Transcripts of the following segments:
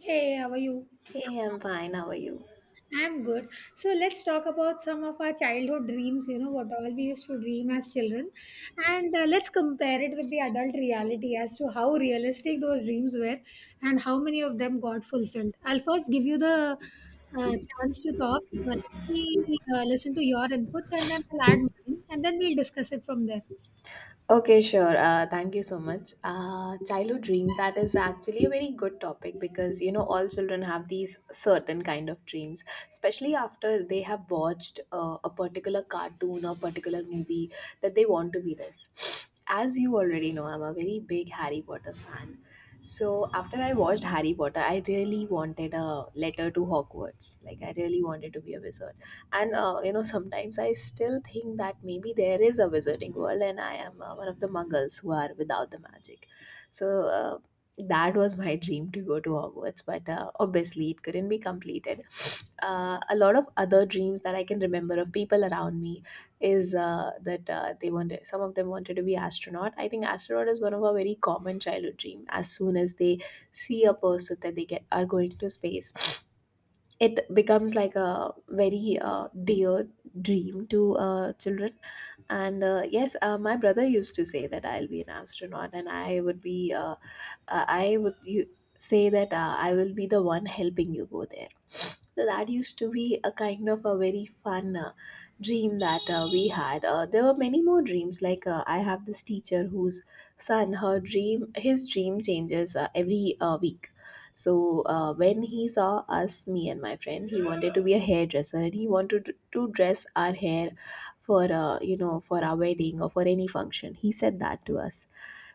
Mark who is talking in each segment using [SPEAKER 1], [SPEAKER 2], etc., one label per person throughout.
[SPEAKER 1] Hey, how are you?
[SPEAKER 2] Hey, I'm fine. How are you?
[SPEAKER 1] I'm good. So let's talk about some of our childhood dreams, you know, what all we used to dream as children. And let's compare it with the adult reality as to how realistic those dreams were and how many of them got fulfilled. I'll first give you the uh, chance to talk. Uh, Let me listen to your inputs and then I'll add mine and then we'll discuss it from there.
[SPEAKER 2] Okay, sure. Thank you so much. Childhood dreams, that is actually a very good topic because, you know, all children have these certain kind of dreams, especially after they have watched a particular cartoon or particular movie that they want to be this. As you already know, I'm a very big Harry Potter fan. So after I watched Harry Potter, I really wanted a letter to Hogwarts. Like I really wanted to be a wizard. And you know, sometimes I still think that maybe there is a wizarding world and I am, one of the muggles who are without the magic. So uh, that was my dream, to go to Hogwarts, but obviously it couldn't be completed. A lot of other dreams that I can remember of people around me is, that they wanted, some of them wanted to be astronaut. I think astronaut is one of our very common childhood dream. As soon as they see a person that they get are going to space, it becomes like a very dear dream to children. And yes, my brother used to say that I'll be an astronaut and I would be, I would you say that I will be the one helping you go there. So that used to be a kind of a very fun dream that we had. There were many more dreams, like I have this teacher whose son her dream his dream changes every week. So when he saw us, me and my friend, he wanted to be a hairdresser and he wanted to dress our hair for, you know, for our wedding or for any function. He said that to us.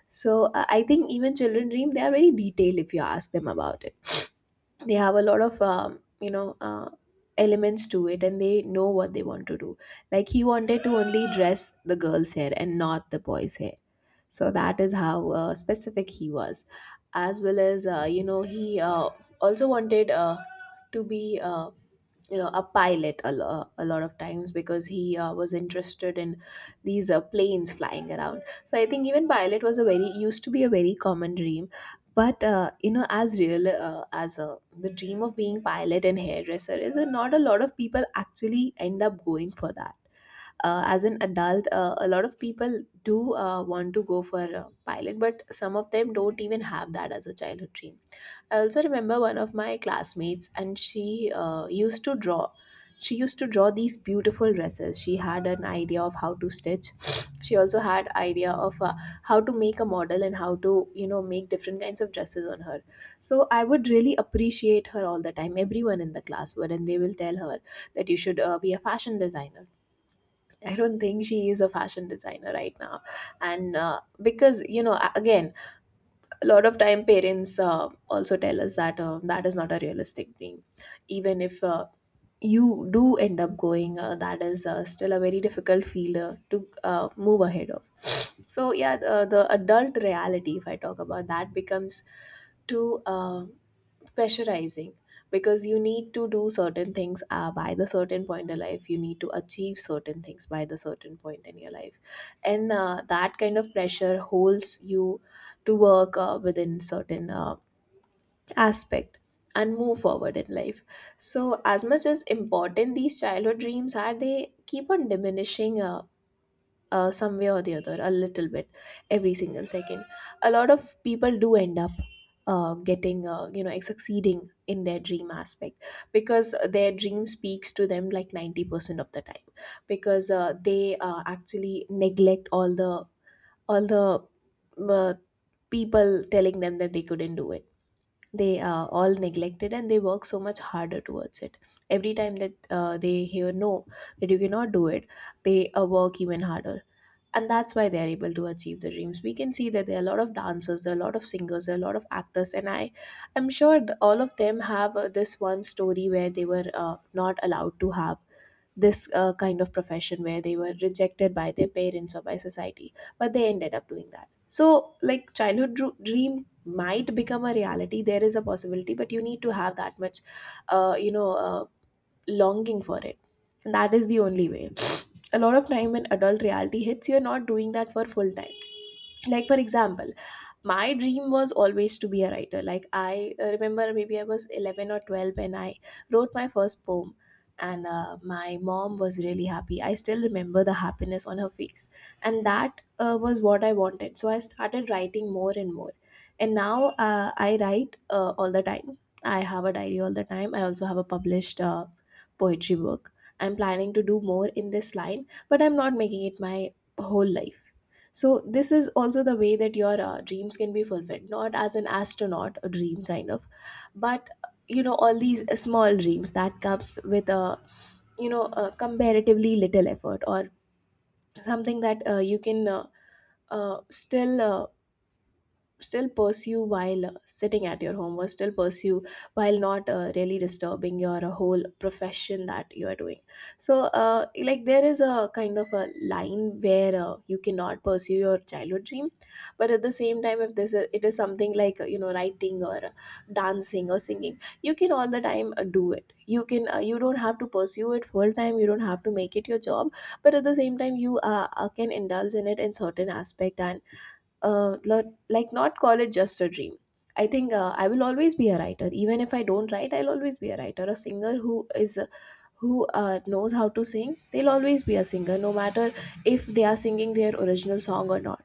[SPEAKER 2] So I think even children dream, they are very detailed if you ask them about it. They have a lot of elements to it, and they know what they want to do, like he wanted to only dress the girl's hair and not the boy's hair. So that is how specific he was. As well, as you know, he also wanted to be, you know, a pilot a lot of times because he was interested in these planes flying around. So I think even pilot was a very used to be a very common dream. But you know, as real as the dream of being pilot and hairdresser is, not a lot of people actually end up going for that. As an adult, a lot of people do want to go for a pilot, but some of them don't even have that as a childhood dream. I also remember one of my classmates, and she used to draw. She used to draw these beautiful dresses. She had an idea of how to stitch. She also had idea of, how to make a model and how to, you know, make different kinds of dresses on her. So I would really appreciate her all the time. Everyone in the class would, and they will tell her that you should be a fashion designer. I don't think she is a fashion designer right now. And because, you know, again, a lot of time parents also tell us that that is not a realistic dream. Even if you do end up going, that is still a very difficult field to move ahead of. So, yeah, the adult reality, if I talk about that, becomes to. Pressurizing, because you need to do certain things by the certain point in life, you need to achieve certain things by the certain point in your life. And that kind of pressure holds you to work within certain aspect and move forward in life. So as much as important these childhood dreams are, they keep on diminishing, some way or the other, a little bit, every single second. A lot of people do end up getting, you know, succeeding in their dream aspect because their dream speaks to them like 90% of the time, because they actually neglect all the all the uh, people telling them that they couldn't do it. They are all neglected and they work so much harder towards it. Every time that they hear no, that you cannot do it, they work even harder, and that's why they're able to achieve their dreams. We can see that there are a lot of dancers, there are a lot of singers, there are a lot of actors, and I'm sure all of them have this one story where they were not allowed to have this kind of profession, where they were rejected by their parents or by society, but they ended up doing that. So like childhood dream might become a reality, there is a possibility, but you need to have that much uh, you know uh, longing for it, and that is the only way. A lot of time when adult reality hits, you're not doing that for full time. Like for example, my dream was always to be a writer. Like I, remember, maybe I was 11 or 12 when I wrote my first poem, and my mom was really happy. I still remember the happiness on her face, and that was what I wanted. So I started writing more and more, and now I write all the time. I have a diary all the time. I also have a published poetry book. I'm planning to do more in this line, but I'm not making it my whole life. So this is also the way that your dreams can be fulfilled, not as an astronaut, a dream kind of, but you know, all these small dreams that comes with a, you know, a comparatively little effort, or something that you can, still still pursue while sitting at your home, or still pursue while not really disturbing your whole profession that you are doing. So like there is a kind of a line where you cannot pursue your childhood dream, but at the same time, if it is something like, you know, writing or dancing or singing, you can all the time do it. You can, you don't have to pursue it full time. You don't have to make it your job, but at the same time you can indulge in it in certain aspect, and like not call it just a dream. I think I will always be a writer. Even if I don't write, I'll always be a writer. A singer who is, who knows how to sing, they'll always be a singer, no matter if they are singing their original song or not.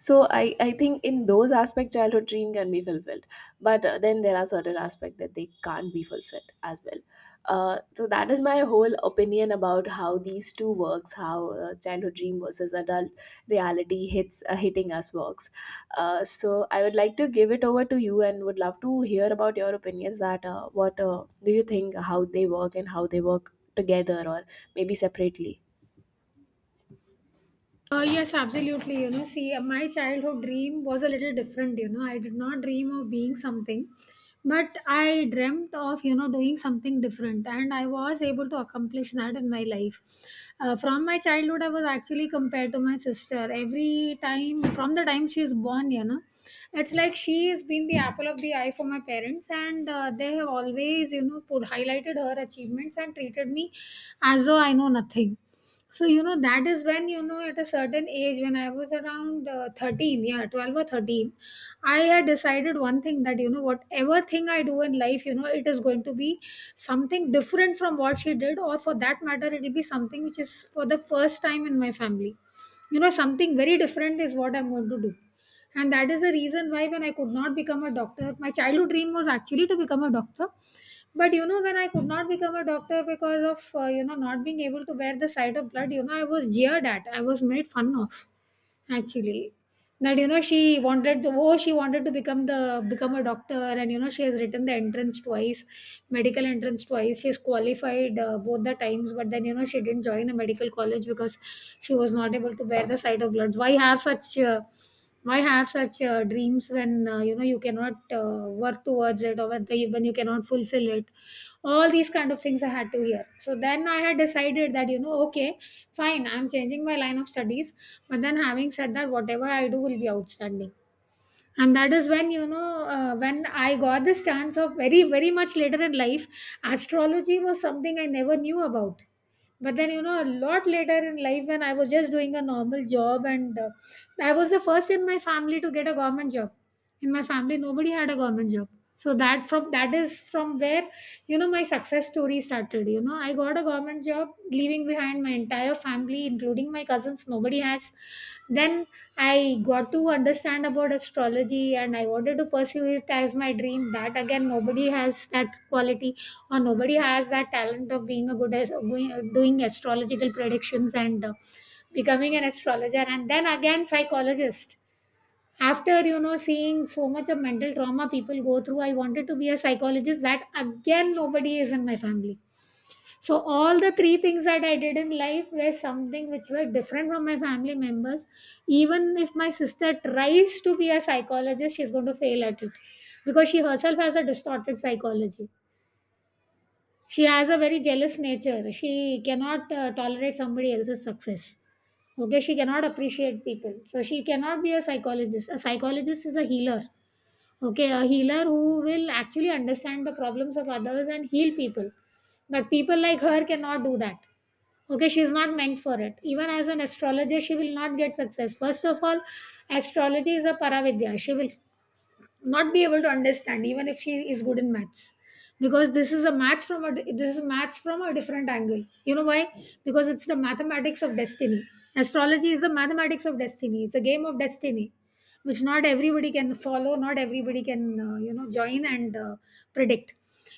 [SPEAKER 2] So I think in those aspects childhood dream can be fulfilled, but then there are certain aspects that they can't be fulfilled as well. So that is my whole opinion about how these two works, how childhood dream versus adult reality hits hitting us works. So I would like to give it over to you, and would love to hear about your opinions, that what do you think, how they work and how they work together, or maybe separately.
[SPEAKER 1] Yes, absolutely. You know, see, my childhood dream was a little different. You know, I did not dream of being something, but I dreamt of, you know, doing something different, and I was able to accomplish that in my life. From my childhood, I was actually compared to my sister. Every time, from the time she is born, you know, it's like she has been the apple of the eye for my parents, and they have always, you know, put highlighted her achievements and treated me as though I know nothing. So, you know, that is when, you know, at a certain age, when I was around 13, yeah, 12 or 13, I had decided one thing that, you know, whatever thing I do in life, you know, it is going to be something different from what she did, or for that matter, it will be something which is for the first time in my family. You know, something very different is what I'm going to do. And that is the reason why when I could not become a doctor, my childhood dream was actually to become a doctor. But you know, when I could not become a doctor because of, you know, not being able to bear the sight of blood, you know, I was jeered at, I was made fun of actually. That, you know, she wanted to, oh, she wanted to become a doctor, and you know, she has written the entrance twice, medical entrance twice. She's qualified both the times, but then you know, she didn't join a medical college because she was not able to bear the sight of bloods. Why have such why have such dreams when you know, you cannot work towards it, or when you cannot fulfill it? All these kind of things I had to hear. So then I had decided that, you know, okay, fine, I'm changing my line of studies. But then, having said that, whatever I do will be outstanding. And that is when, you know, when I got this chance of very, very much later in life, astrology was something I never knew about. But then, you know, a lot later in life, when I was just doing a normal job, and I was the first in my family to get a government job. In my family, nobody had a government job. So that, from that is from where, you know, my success story started. You know, I got a government job, leaving behind my entire family, including my cousins. Nobody has. Then I got to understand about astrology and I wanted to pursue it as my dream. That again, nobody has that quality, or nobody has that talent of being a doing astrological predictions and becoming an astrologer, and then again psychologist. After, you know, seeing so much of mental trauma people go through, I wanted to be a psychologist. That again, nobody is in my family. So all the three things that I did in life were something which were different from my family members. Even if my sister tries to be a psychologist, she's going to fail at it because she herself has a distorted psychology. She has a very jealous nature. She cannot tolerate somebody else's success. Okay, she cannot appreciate people. So she cannot be a psychologist. A psychologist is a healer. Okay, a healer who will actually understand the problems of others and heal people. But people like her cannot do that. Okay, she is not meant for it. Even as an astrologer, she will not get success. First of all, astrology is a paravidya. She will not be able to understand, even if she is good in maths, because this is a maths from a this is maths from a different angle. You know why? Because it's the mathematics of destiny. Astrology is the mathematics of destiny. It's a game of destiny which not everybody can follow. Not everybody can you know, join and predict.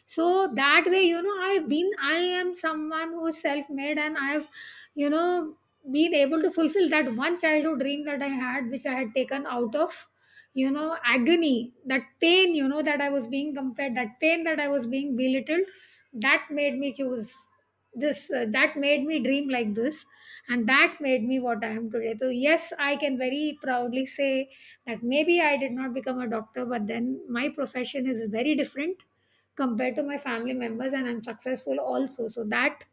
[SPEAKER 1] So that way, you know, I am someone who's self-made, and I have, you know, been able to fulfill that one childhood dream that I had, which I had taken out of, you know, agony, that pain, you know, that I was being compared, that pain that I was being belittled. That made me choose this that made me dream like this, and that made me what I am today. So yes, I can very proudly say that maybe I did not become a doctor, but then my profession is very different compared to my family members, and I'm successful also. So that,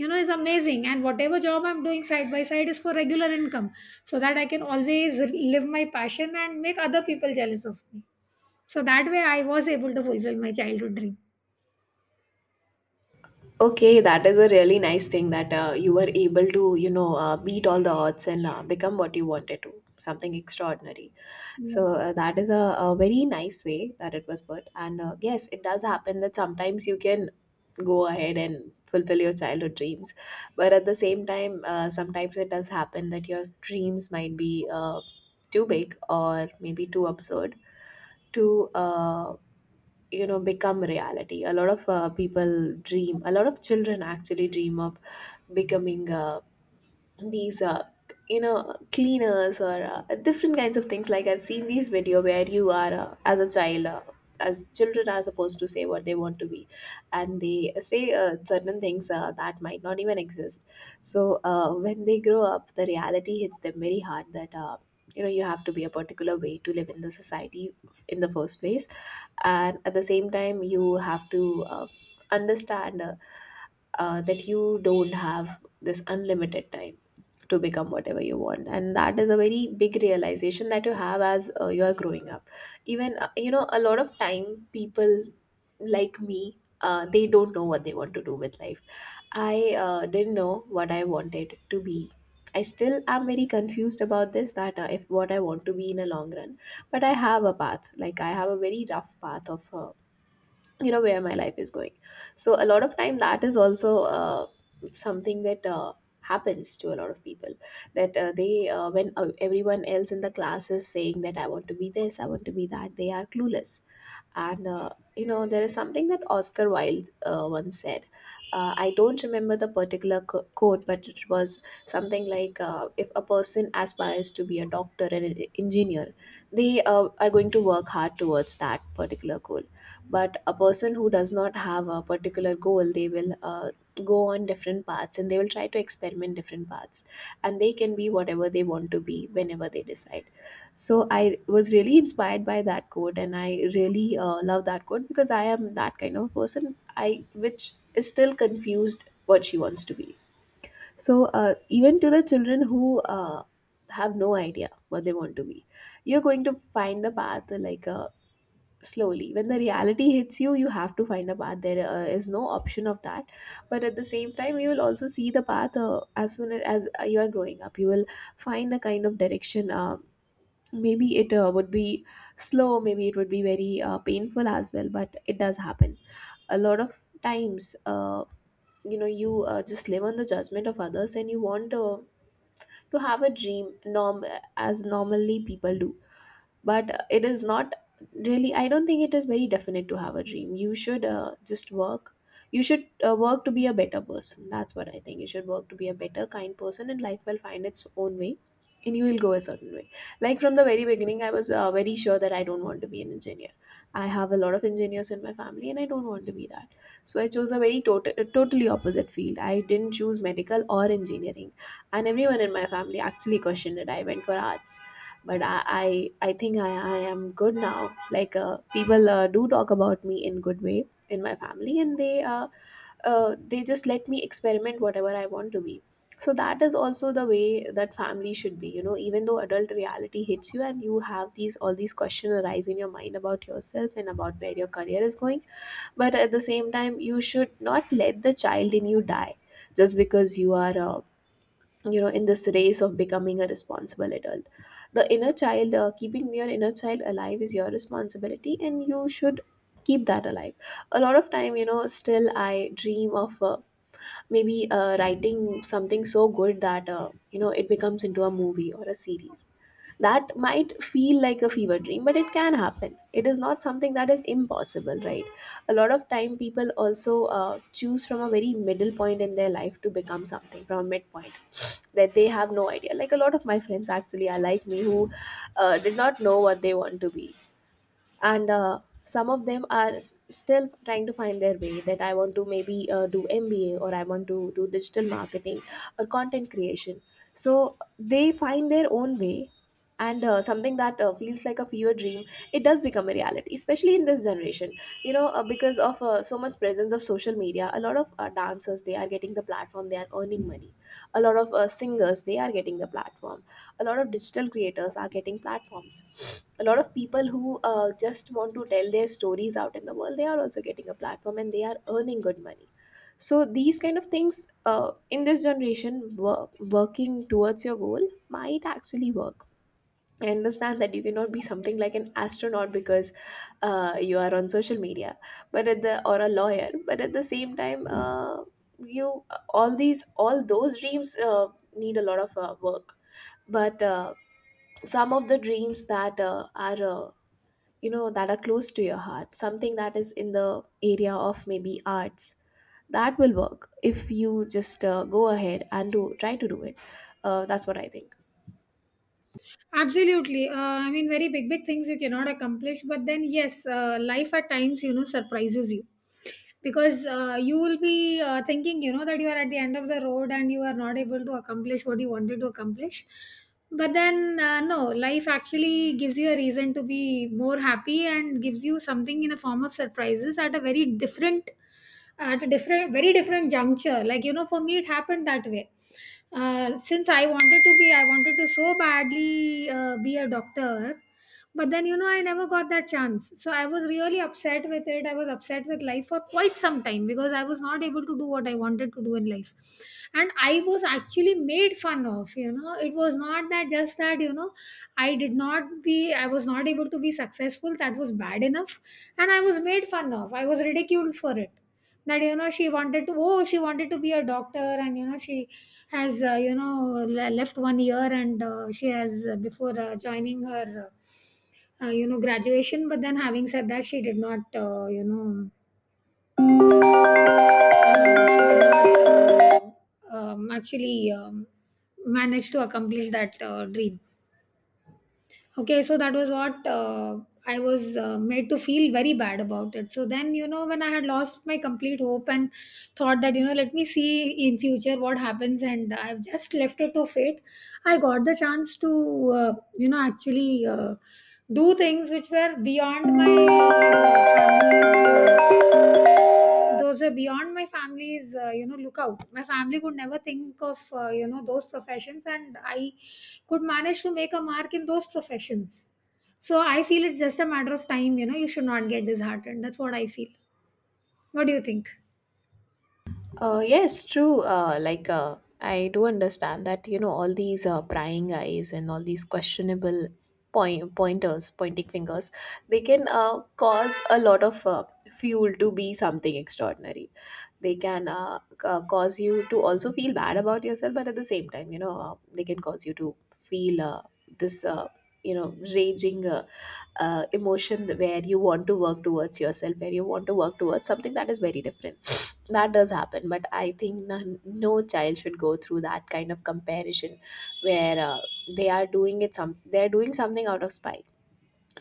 [SPEAKER 1] you know, is amazing. And whatever job I'm doing side by side is for regular income, so that I can always live my passion and make other people jealous of me. So that way, I was able to fulfill my childhood
[SPEAKER 2] Okay, that is a really nice thing that you were able to, you know, beat all the odds and become what you wanted to, something extraordinary. So
[SPEAKER 1] dream.
[SPEAKER 2] uh, that is a very nice way that it was put. And yes, it does happen that sometimes you can go ahead and fulfill your childhood dreams. But at the same time, sometimes it does happen that your dreams might be too big or maybe too absurd to become reality. A lot of people dream. A lot of children actually dream of becoming these you know cleaners or different kinds of things. Like, I've seen these video where you are as a child, as children are supposed to say what they want to be, and they say certain things that might not even exist. So when they grow up, the reality hits them very hard that, you know, you have to be a particular way to live in the society in the first place. And at the same time, you have to understand that you don't have this unlimited time to become whatever you want, and that is a very big realization that you have as you are growing up. Even, you know, a lot of time people like me, they don't know what they want to do with life. I didn't know what I wanted to be. I still am very confused about this, that if what I want to be in a long run. But I have a path, like I have a very rough path of, you know, where my life is going. So a lot of time that is also something that happens to a lot of people, that they when everyone else in the class is saying that I want to be this, I want to be that, they are clueless. And You know, there is something that Oscar Wilde once said. I don't remember the particular quote, but it was something like, "If a person aspires to be a doctor and an engineer, they are going to work hard towards that particular goal. But a person who does not have a particular goal, they will." Go on different paths, and they will try to experiment different paths, and they can be whatever they want to be whenever they decide. So I was really inspired by that quote, and I really love that quote because I am that kind of person. I which is still confused what she wants to be. So even to the children who have no idea what they want to be, you're going to find the path, like slowly. When the reality hits you, you have to find a path. There is no option of that. But at the same time, you will also see the path as soon as you are growing up. You will find a kind of direction. Maybe it would be slow, maybe it would be very painful as well, but it does happen. A lot of times, you know, you just live on the judgment of others, and you want to have a dream norm, as normally people do. But it is not really, I don't think it is very definite to have a dream. You should just work. You should work to be a better person. That's what I think. You should work to be a better, kind person, and life will find its own way, and you will go a certain way. Like, from the very beginning, I was very sure that I don't want to be an engineer. I have a lot of engineers in my family, and I don't want to be that. So I chose a very totally opposite field. I didn't choose medical or engineering, and everyone in my family actually questioned it. I went for arts. But I think I am good now. Like, people do talk about me in good way in my family, and they just let me experiment whatever I want to be. So that is also the way that family should be, you know. Even though adult reality hits you, and you have these, all these questions arise in your mind about yourself and about where your career is going, but at the same time, you should not let the child in you die just because you are, you know, in this race of becoming a responsible adult. The inner child, keeping your inner child alive is your responsibility, and you should keep that alive. A lot of time, you know, still I dream of, maybe writing something so good that, you know, it becomes into a movie or a series. That might feel like a fever dream, but it can happen. It is not something that is impossible, right? A lot of time, people also choose from a very middle point in their life to become something from a midpoint that they have no idea. Like, a lot of my friends actually are like me who did not know what they want to be. And Some of them are still trying to find their way, that I want to maybe do MBA or I want to do digital marketing or content creation. So they find their own way. And something that feels like a fever dream, it does become a reality, especially in this generation. You know, because of so much presence of social media, a lot of dancers, they are getting the platform, they are earning money. A lot of singers, they are getting the platform. A lot of digital creators are getting platforms. A lot of people who just want to tell their stories out in the world, they are also getting a platform and they are earning good money. So these kind of things, in this generation, working towards your goal might actually work. I understand that you cannot be something like an astronaut because you are on social media, but at the, or a lawyer. But at the same time, you, all these, all those dreams need a lot of work. But some of the dreams that are you know, that are close to your heart, something that is in the area of maybe arts, that will work if you just go ahead and do try to do it. That's what I think.
[SPEAKER 1] Absolutely. I mean, very big, big things you cannot accomplish. But then, yes, life at times, you know, surprises you, because you will be thinking, you know, that you are at the end of the road and you are not able to accomplish what you wanted to accomplish. But then, no, life actually gives you a reason to be more happy and gives you something in the form of surprises at a very different, at a different very different juncture. Like, you know, for me, it happened that way. Since I wanted to so badly be a doctor, but then you know, I never got that chance. So I was really upset with it. I was upset with life for quite some time because I was not able to do what I wanted to do in life. And I was actually made fun of. You know, it was not that just that you know, I was not able to be successful. That was bad enough. And I was made fun of, I was ridiculed for it. That, you know, she wanted to, oh, she wanted to be a doctor, and you know, she has you know, left 1 year, and she has before joining her you know, graduation. But then having said that, she did not, you know actually manage to accomplish that dream. Okay, so that was what I was made to feel very bad about it. So then, you know, when I had lost my complete hope and thought that, you know, let me see in future what happens, and I've just left it to fate. I got the chance to, you know, actually do things which were beyond my family's, those were beyond my family's, you know, lookout. My family could never think of, you know, those professions, and I could manage to make a mark in those professions. So I feel it's just a matter of time. You know, you should not get disheartened. That's what I feel. What do you think?
[SPEAKER 2] Yes, true. Like, I do understand that, you know, all these prying eyes and all these questionable pointers, pointing fingers, they can cause a lot of fuel to be something extraordinary. They can cause you to also feel bad about yourself. But at the same time, you know, they can cause you to feel, this you know, raging, emotion, where you want to work towards yourself, where you want to work towards something that is very different. That does happen. But I think none, no child should go through that kind of comparison, where they are doing it, some, they are doing something out of spite.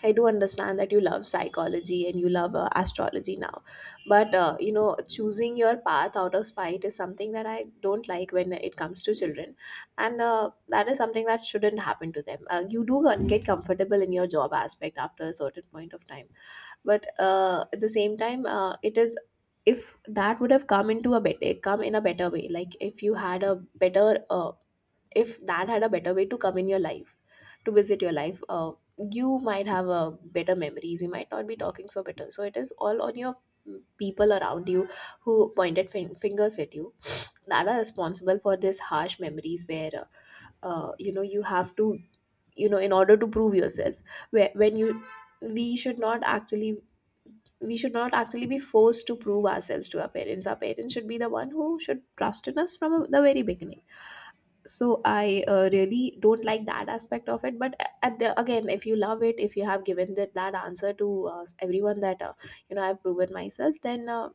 [SPEAKER 2] I do understand that you love psychology, and you love astrology now, but you know, choosing your path out of spite is something that I don't like when it comes to children, and that is something that shouldn't happen to them. You do get comfortable in your job aspect after a certain point of time, but at the same time, it is, if that would have come into a better come in a better way. Like, if you had a better, if that had a better way to come in your life, to visit your life, you might have, better memories, you might not be talking so bitter. So it is all on your, people around you who pointed fingers at you, that are responsible for this harsh memories, where you know, you have to, you know, in order to prove yourself, where when you, we should not actually, we should not actually be forced to prove ourselves to our parents. Our parents should be the one who should trust in us from the very beginning. So I really don't like that aspect of it. But at the, again, if you love it, if you have given that answer to everyone, that you know, I've proven myself, then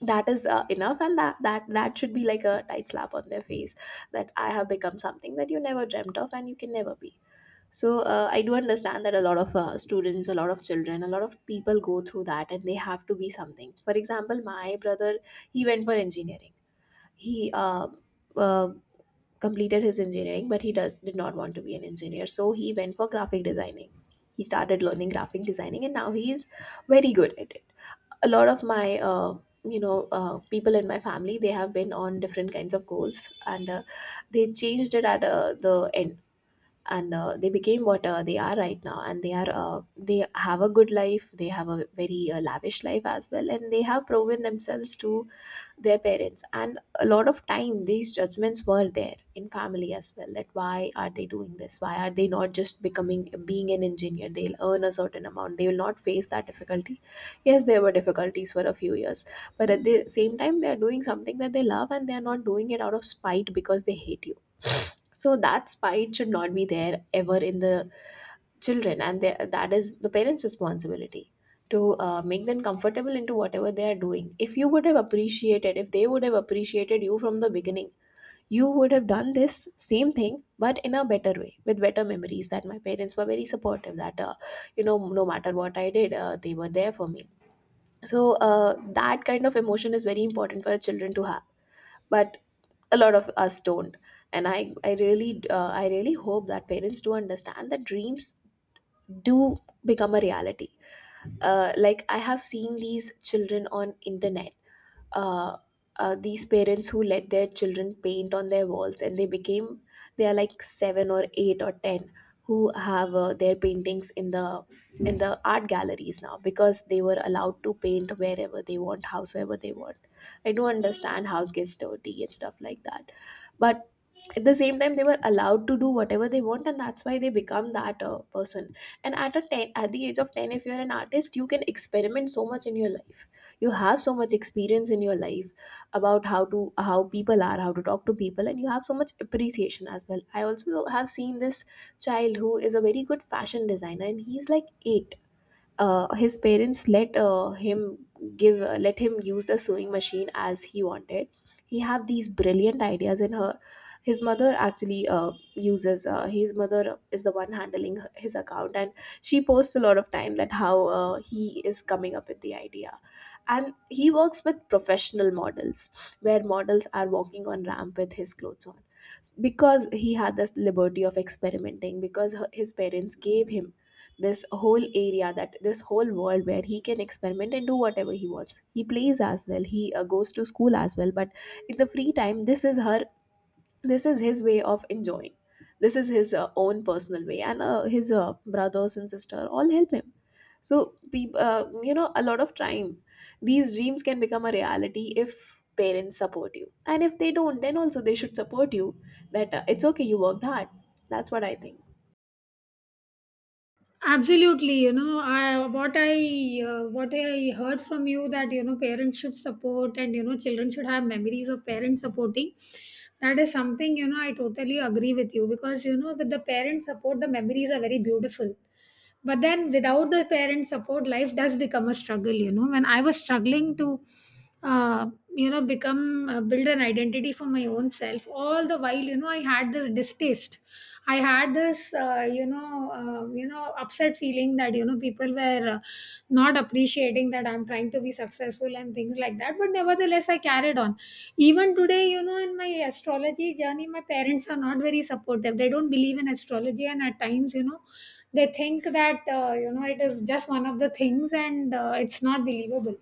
[SPEAKER 2] that is enough. And that should be like a tight slap on their face, that I have become something that you never dreamt of and you can never be. So I do understand that a lot of students, a lot of children, a lot of people go through that, and they have to be something. For example, my brother, he went for engineering. He uh, completed his engineering, but he does did not want to be an engineer, so he went for graphic designing. He started learning graphic designing, and now he is very good at it. A lot of my, people in my family, they have been on different kinds of goals, and they changed it at the end. And they became what they are right now, and they are they have a good life. They have a very lavish life as well, and they have proven themselves to their parents. And a lot of time these judgments were there in family as well, that why are they doing this, why are they not just becoming being an engineer, they'll earn a certain amount, they will not face that difficulty. Yes, there were difficulties for a few years, but at the same time they are doing something that they love, and they are not doing it out of spite because they hate you. So that spite should not be there ever in the children. And they, that is the parents responsibility, to make them comfortable into whatever they are doing. If you would have appreciated, if they would have appreciated you from the beginning, you would have done this same thing but in a better way with better memories, that my parents were very supportive, that you know, no matter what I did, they were there for me. So that kind of emotion is very important for children to have, but a lot of us don't. And I really, I really hope that parents do understand that dreams do become a reality. Like I have seen these children on internet, uh, these parents who let their children paint on their walls, and they became, they are like 7 or 8 or 10, who have their paintings in the, in the art galleries now, because they were allowed to paint wherever they want, housever they want. I do understand house gets dirty and stuff like that, but at the same time they were allowed to do whatever they want, and that's why they become that person. And at a 10, at the age of 10, if you're an artist, you can experiment so much in your life, you have so much experience in your life, about how to, how people are, how to talk to people, and you have so much appreciation as well. I also have seen this child who is a very good fashion designer, and he's like eight. His parents let him give let him use the sewing machine as he wanted. He have these brilliant ideas in her, his mother actually uses his mother is the one handling his account, and she posts a lot of time that how he is coming up with the idea, and he works with professional models, where models are walking on ramp with his clothes on, because he had this liberty of experimenting, because his parents gave him this whole area, that this whole world where he can experiment and do whatever he wants. He plays as well, he goes to school as well, but in the free time, this is his way of enjoying, this is his own personal way, and his brothers and sister all help him. So peop you know, a lot of time these dreams can become a reality if parents support you, and if they don't, then also they should support you, that it's okay, you worked hard. That's what I think.
[SPEAKER 1] Absolutely. You know, what I what I heard from you, that you know, parents should support, and you know, children should have memories of parents supporting, that is something, you know, I totally agree with you, because you know, with the parent support, the memories are very beautiful. But then without the parent support, life does become a struggle. You know, when I was struggling to, uh, you know, become build an identity for my own self, all the while, you know, I had this distaste. I had this, you know, upset feeling that you know, people were not appreciating that I'm trying to be successful and things like that. But nevertheless, I carried on. Even today, you know, in my astrology journey, my parents are not very supportive. They don't believe in astrology, and at times, you know, they think that you know, it is just one of the things, and it's not believable.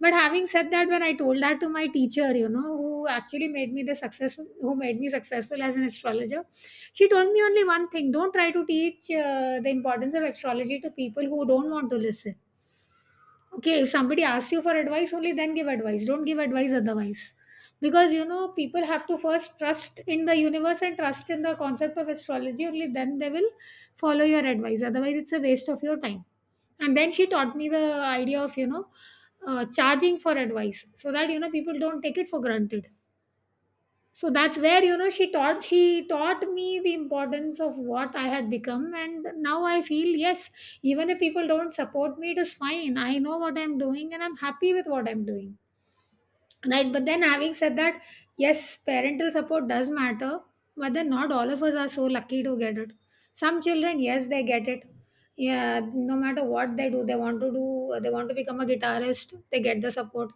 [SPEAKER 1] But having said that, when I told that to my teacher, you know, who actually made me the success, who made me successful as an astrologer, she told me only one thing: don't try to teach the importance of astrology to people who don't want to listen. Okay, if somebody asks you for advice, only then give advice. Don't give advice otherwise. Because you know, people have to first trust in the universe and trust in the concept of astrology, only then they will follow your advice. Otherwise, it's a waste of your time. And then she taught me the idea of, charging for advice so that, you know, people don't take it for granted. So that's where, you know, she taught me the importance of what I had become. And now I feel, yes, even if people don't support me, it is fine. I know what I'm doing, and I'm happy with what I'm doing right but then, having said that, yes, parental support does matter, but then not all of us are so lucky to get it. Some children, yes, they get it, yeah. No matter what they do, they want to do they want to become a guitarist, they get the support.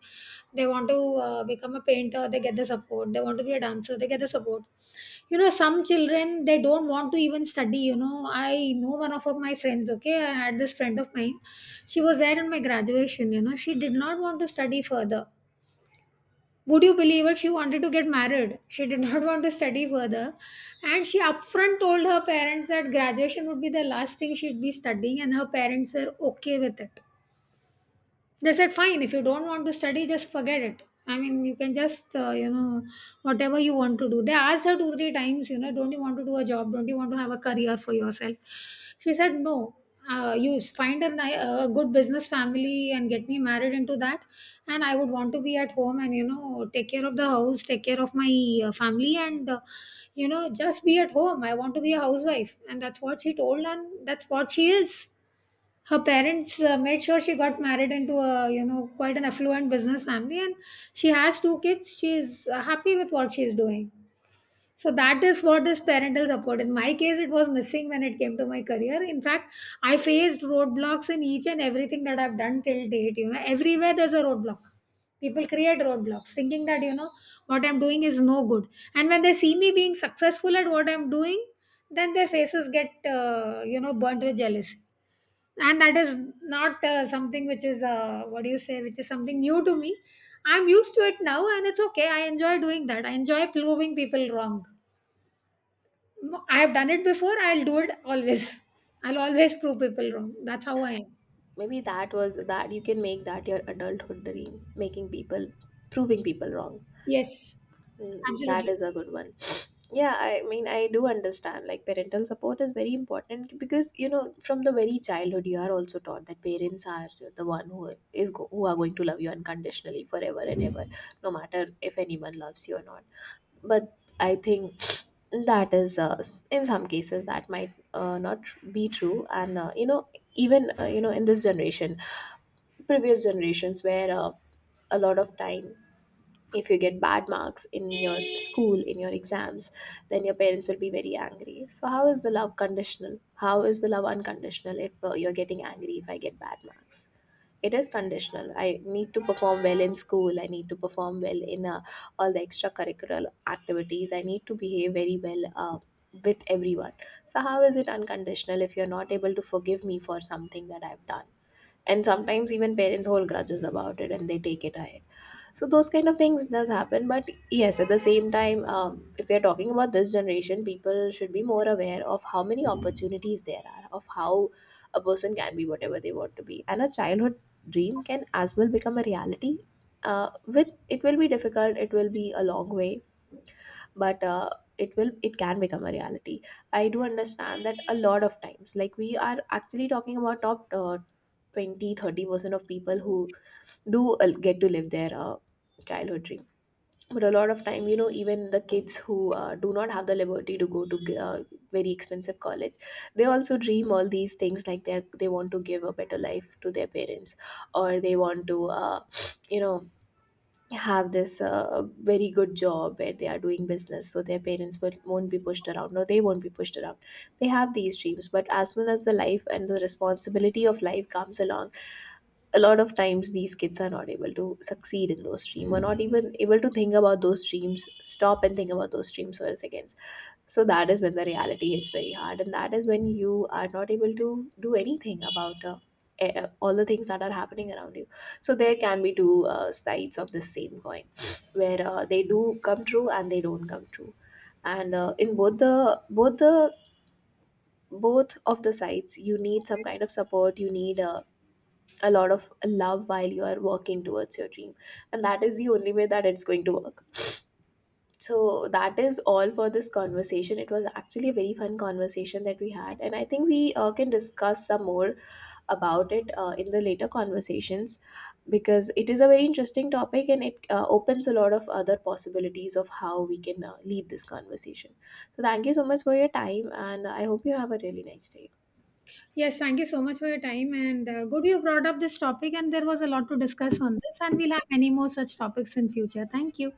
[SPEAKER 1] They want to become a painter, they get the support. They want to be a dancer, they get the support. You know, some children, they don't want to even study. You know, I know one of my friends. Okay, I had this friend of mine, she was there in my graduation. You know, she did not want to study further. Would you believe it? She wanted to get married. She did not want to study further. And she upfront told her parents that graduation would be the last thing she'd be studying, and her parents were okay with it. They said, fine, if you don't want to study, just forget it. I mean, you can just, you know, whatever you want to do. They asked her 2-3 times, you know, don't you want to do a job? Don't you want to have a career for yourself? She said no. You find a, a good business family and get me married into that. And I would want to be at home and, you know, take care of the house, take care of my family, and you know, just be at home. I want to be a housewife. And that's what she told, and that's what she is. Her parents made sure she got married into a, you know, quite an affluent business family. And she has two kids, she's happy with what she's doing. So that is what is parental support. In my case, it was missing when it came to my career. In fact, I faced roadblocks in each and everything that I've done till date. You know, everywhere there's a roadblock. People create roadblocks thinking that, you know, what I'm doing is no good. And when they see me being successful at what I'm doing, then their faces get, you know, burnt with jealousy. And that is not something which is, what do you say, which is something new to me. I'm used to it now, and it's okay. I enjoy doing that, I enjoy proving people wrong. I have done it before, I'll do it always. I'll always prove people wrong. That's how I am.
[SPEAKER 2] Maybe that was that, you can make that your adulthood dream, making people, proving people wrong.
[SPEAKER 1] Yes.
[SPEAKER 2] Mm, that
[SPEAKER 1] Absolutely.
[SPEAKER 2] is a good one. Yeah, I mean I do understand, like parental support is very important, because you know, from the very childhood you are also taught that parents are the one who who are going to love you unconditionally forever and ever, no matter if anyone loves you or not. But I think that is in some cases that might not be true. And you know, even you know, in this generation, previous generations, where a lot of time, if you get bad marks in your school, in your exams, then your parents will be very angry. So how is the love conditional, how is the love unconditional if you're getting angry if I get bad marks? It is conditional. I need to perform well in school, I need to perform well in all the extracurricular activities, I need to behave very well with everyone. So how is it unconditional if you're not able to forgive me for something that I've done? And sometimes even parents hold grudges about it and they take it ahead. So those kind of things does happen. But yes, at the same time, if we are talking about this generation, people should be more aware of how many opportunities there are, of how a person can be whatever they want to be, and a childhood dream can as well become a reality. With it, will be difficult, it will be a long way, but it will, it can become a reality. I do understand that a lot of times, like we are actually talking about top 20, 30% of people who do get to live their childhood dream. But a lot of time, you know, even the kids who do not have the liberty to go to very expensive college, they also dream all these things, like they want to give a better life to their parents, or they want to you know, have this very good job where they are doing business, so their parents will, won't be pushed around, or they won't be pushed around. They have these dreams, but as soon as the life and the responsibility of life comes along, a lot of times these kids are not able to succeed in those dreams, or not even able to think about those dreams, stop and think about those dreams for a second. So that is when the reality hits very hard, and that is when you are not able to do anything about all the things that are happening around you. So there can be two sides of the same coin, where they do come true and they don't come true, and in both of the sides, you need some kind of support. You need a lot of love while you are working towards your dream, and that is the only way that it's going to work. So that is all for this conversation. It was actually a very fun conversation that we had, and I think we can discuss some more about it in the later conversations, because it is a very interesting topic, and it opens a lot of other possibilities of how we can lead this conversation. So thank you so much for your time, and I hope you have a really nice day.
[SPEAKER 1] Yes, thank you so much for your time. And good you brought up this topic, and there was a lot to discuss on this, and we'll have many more such topics in future. Thank you.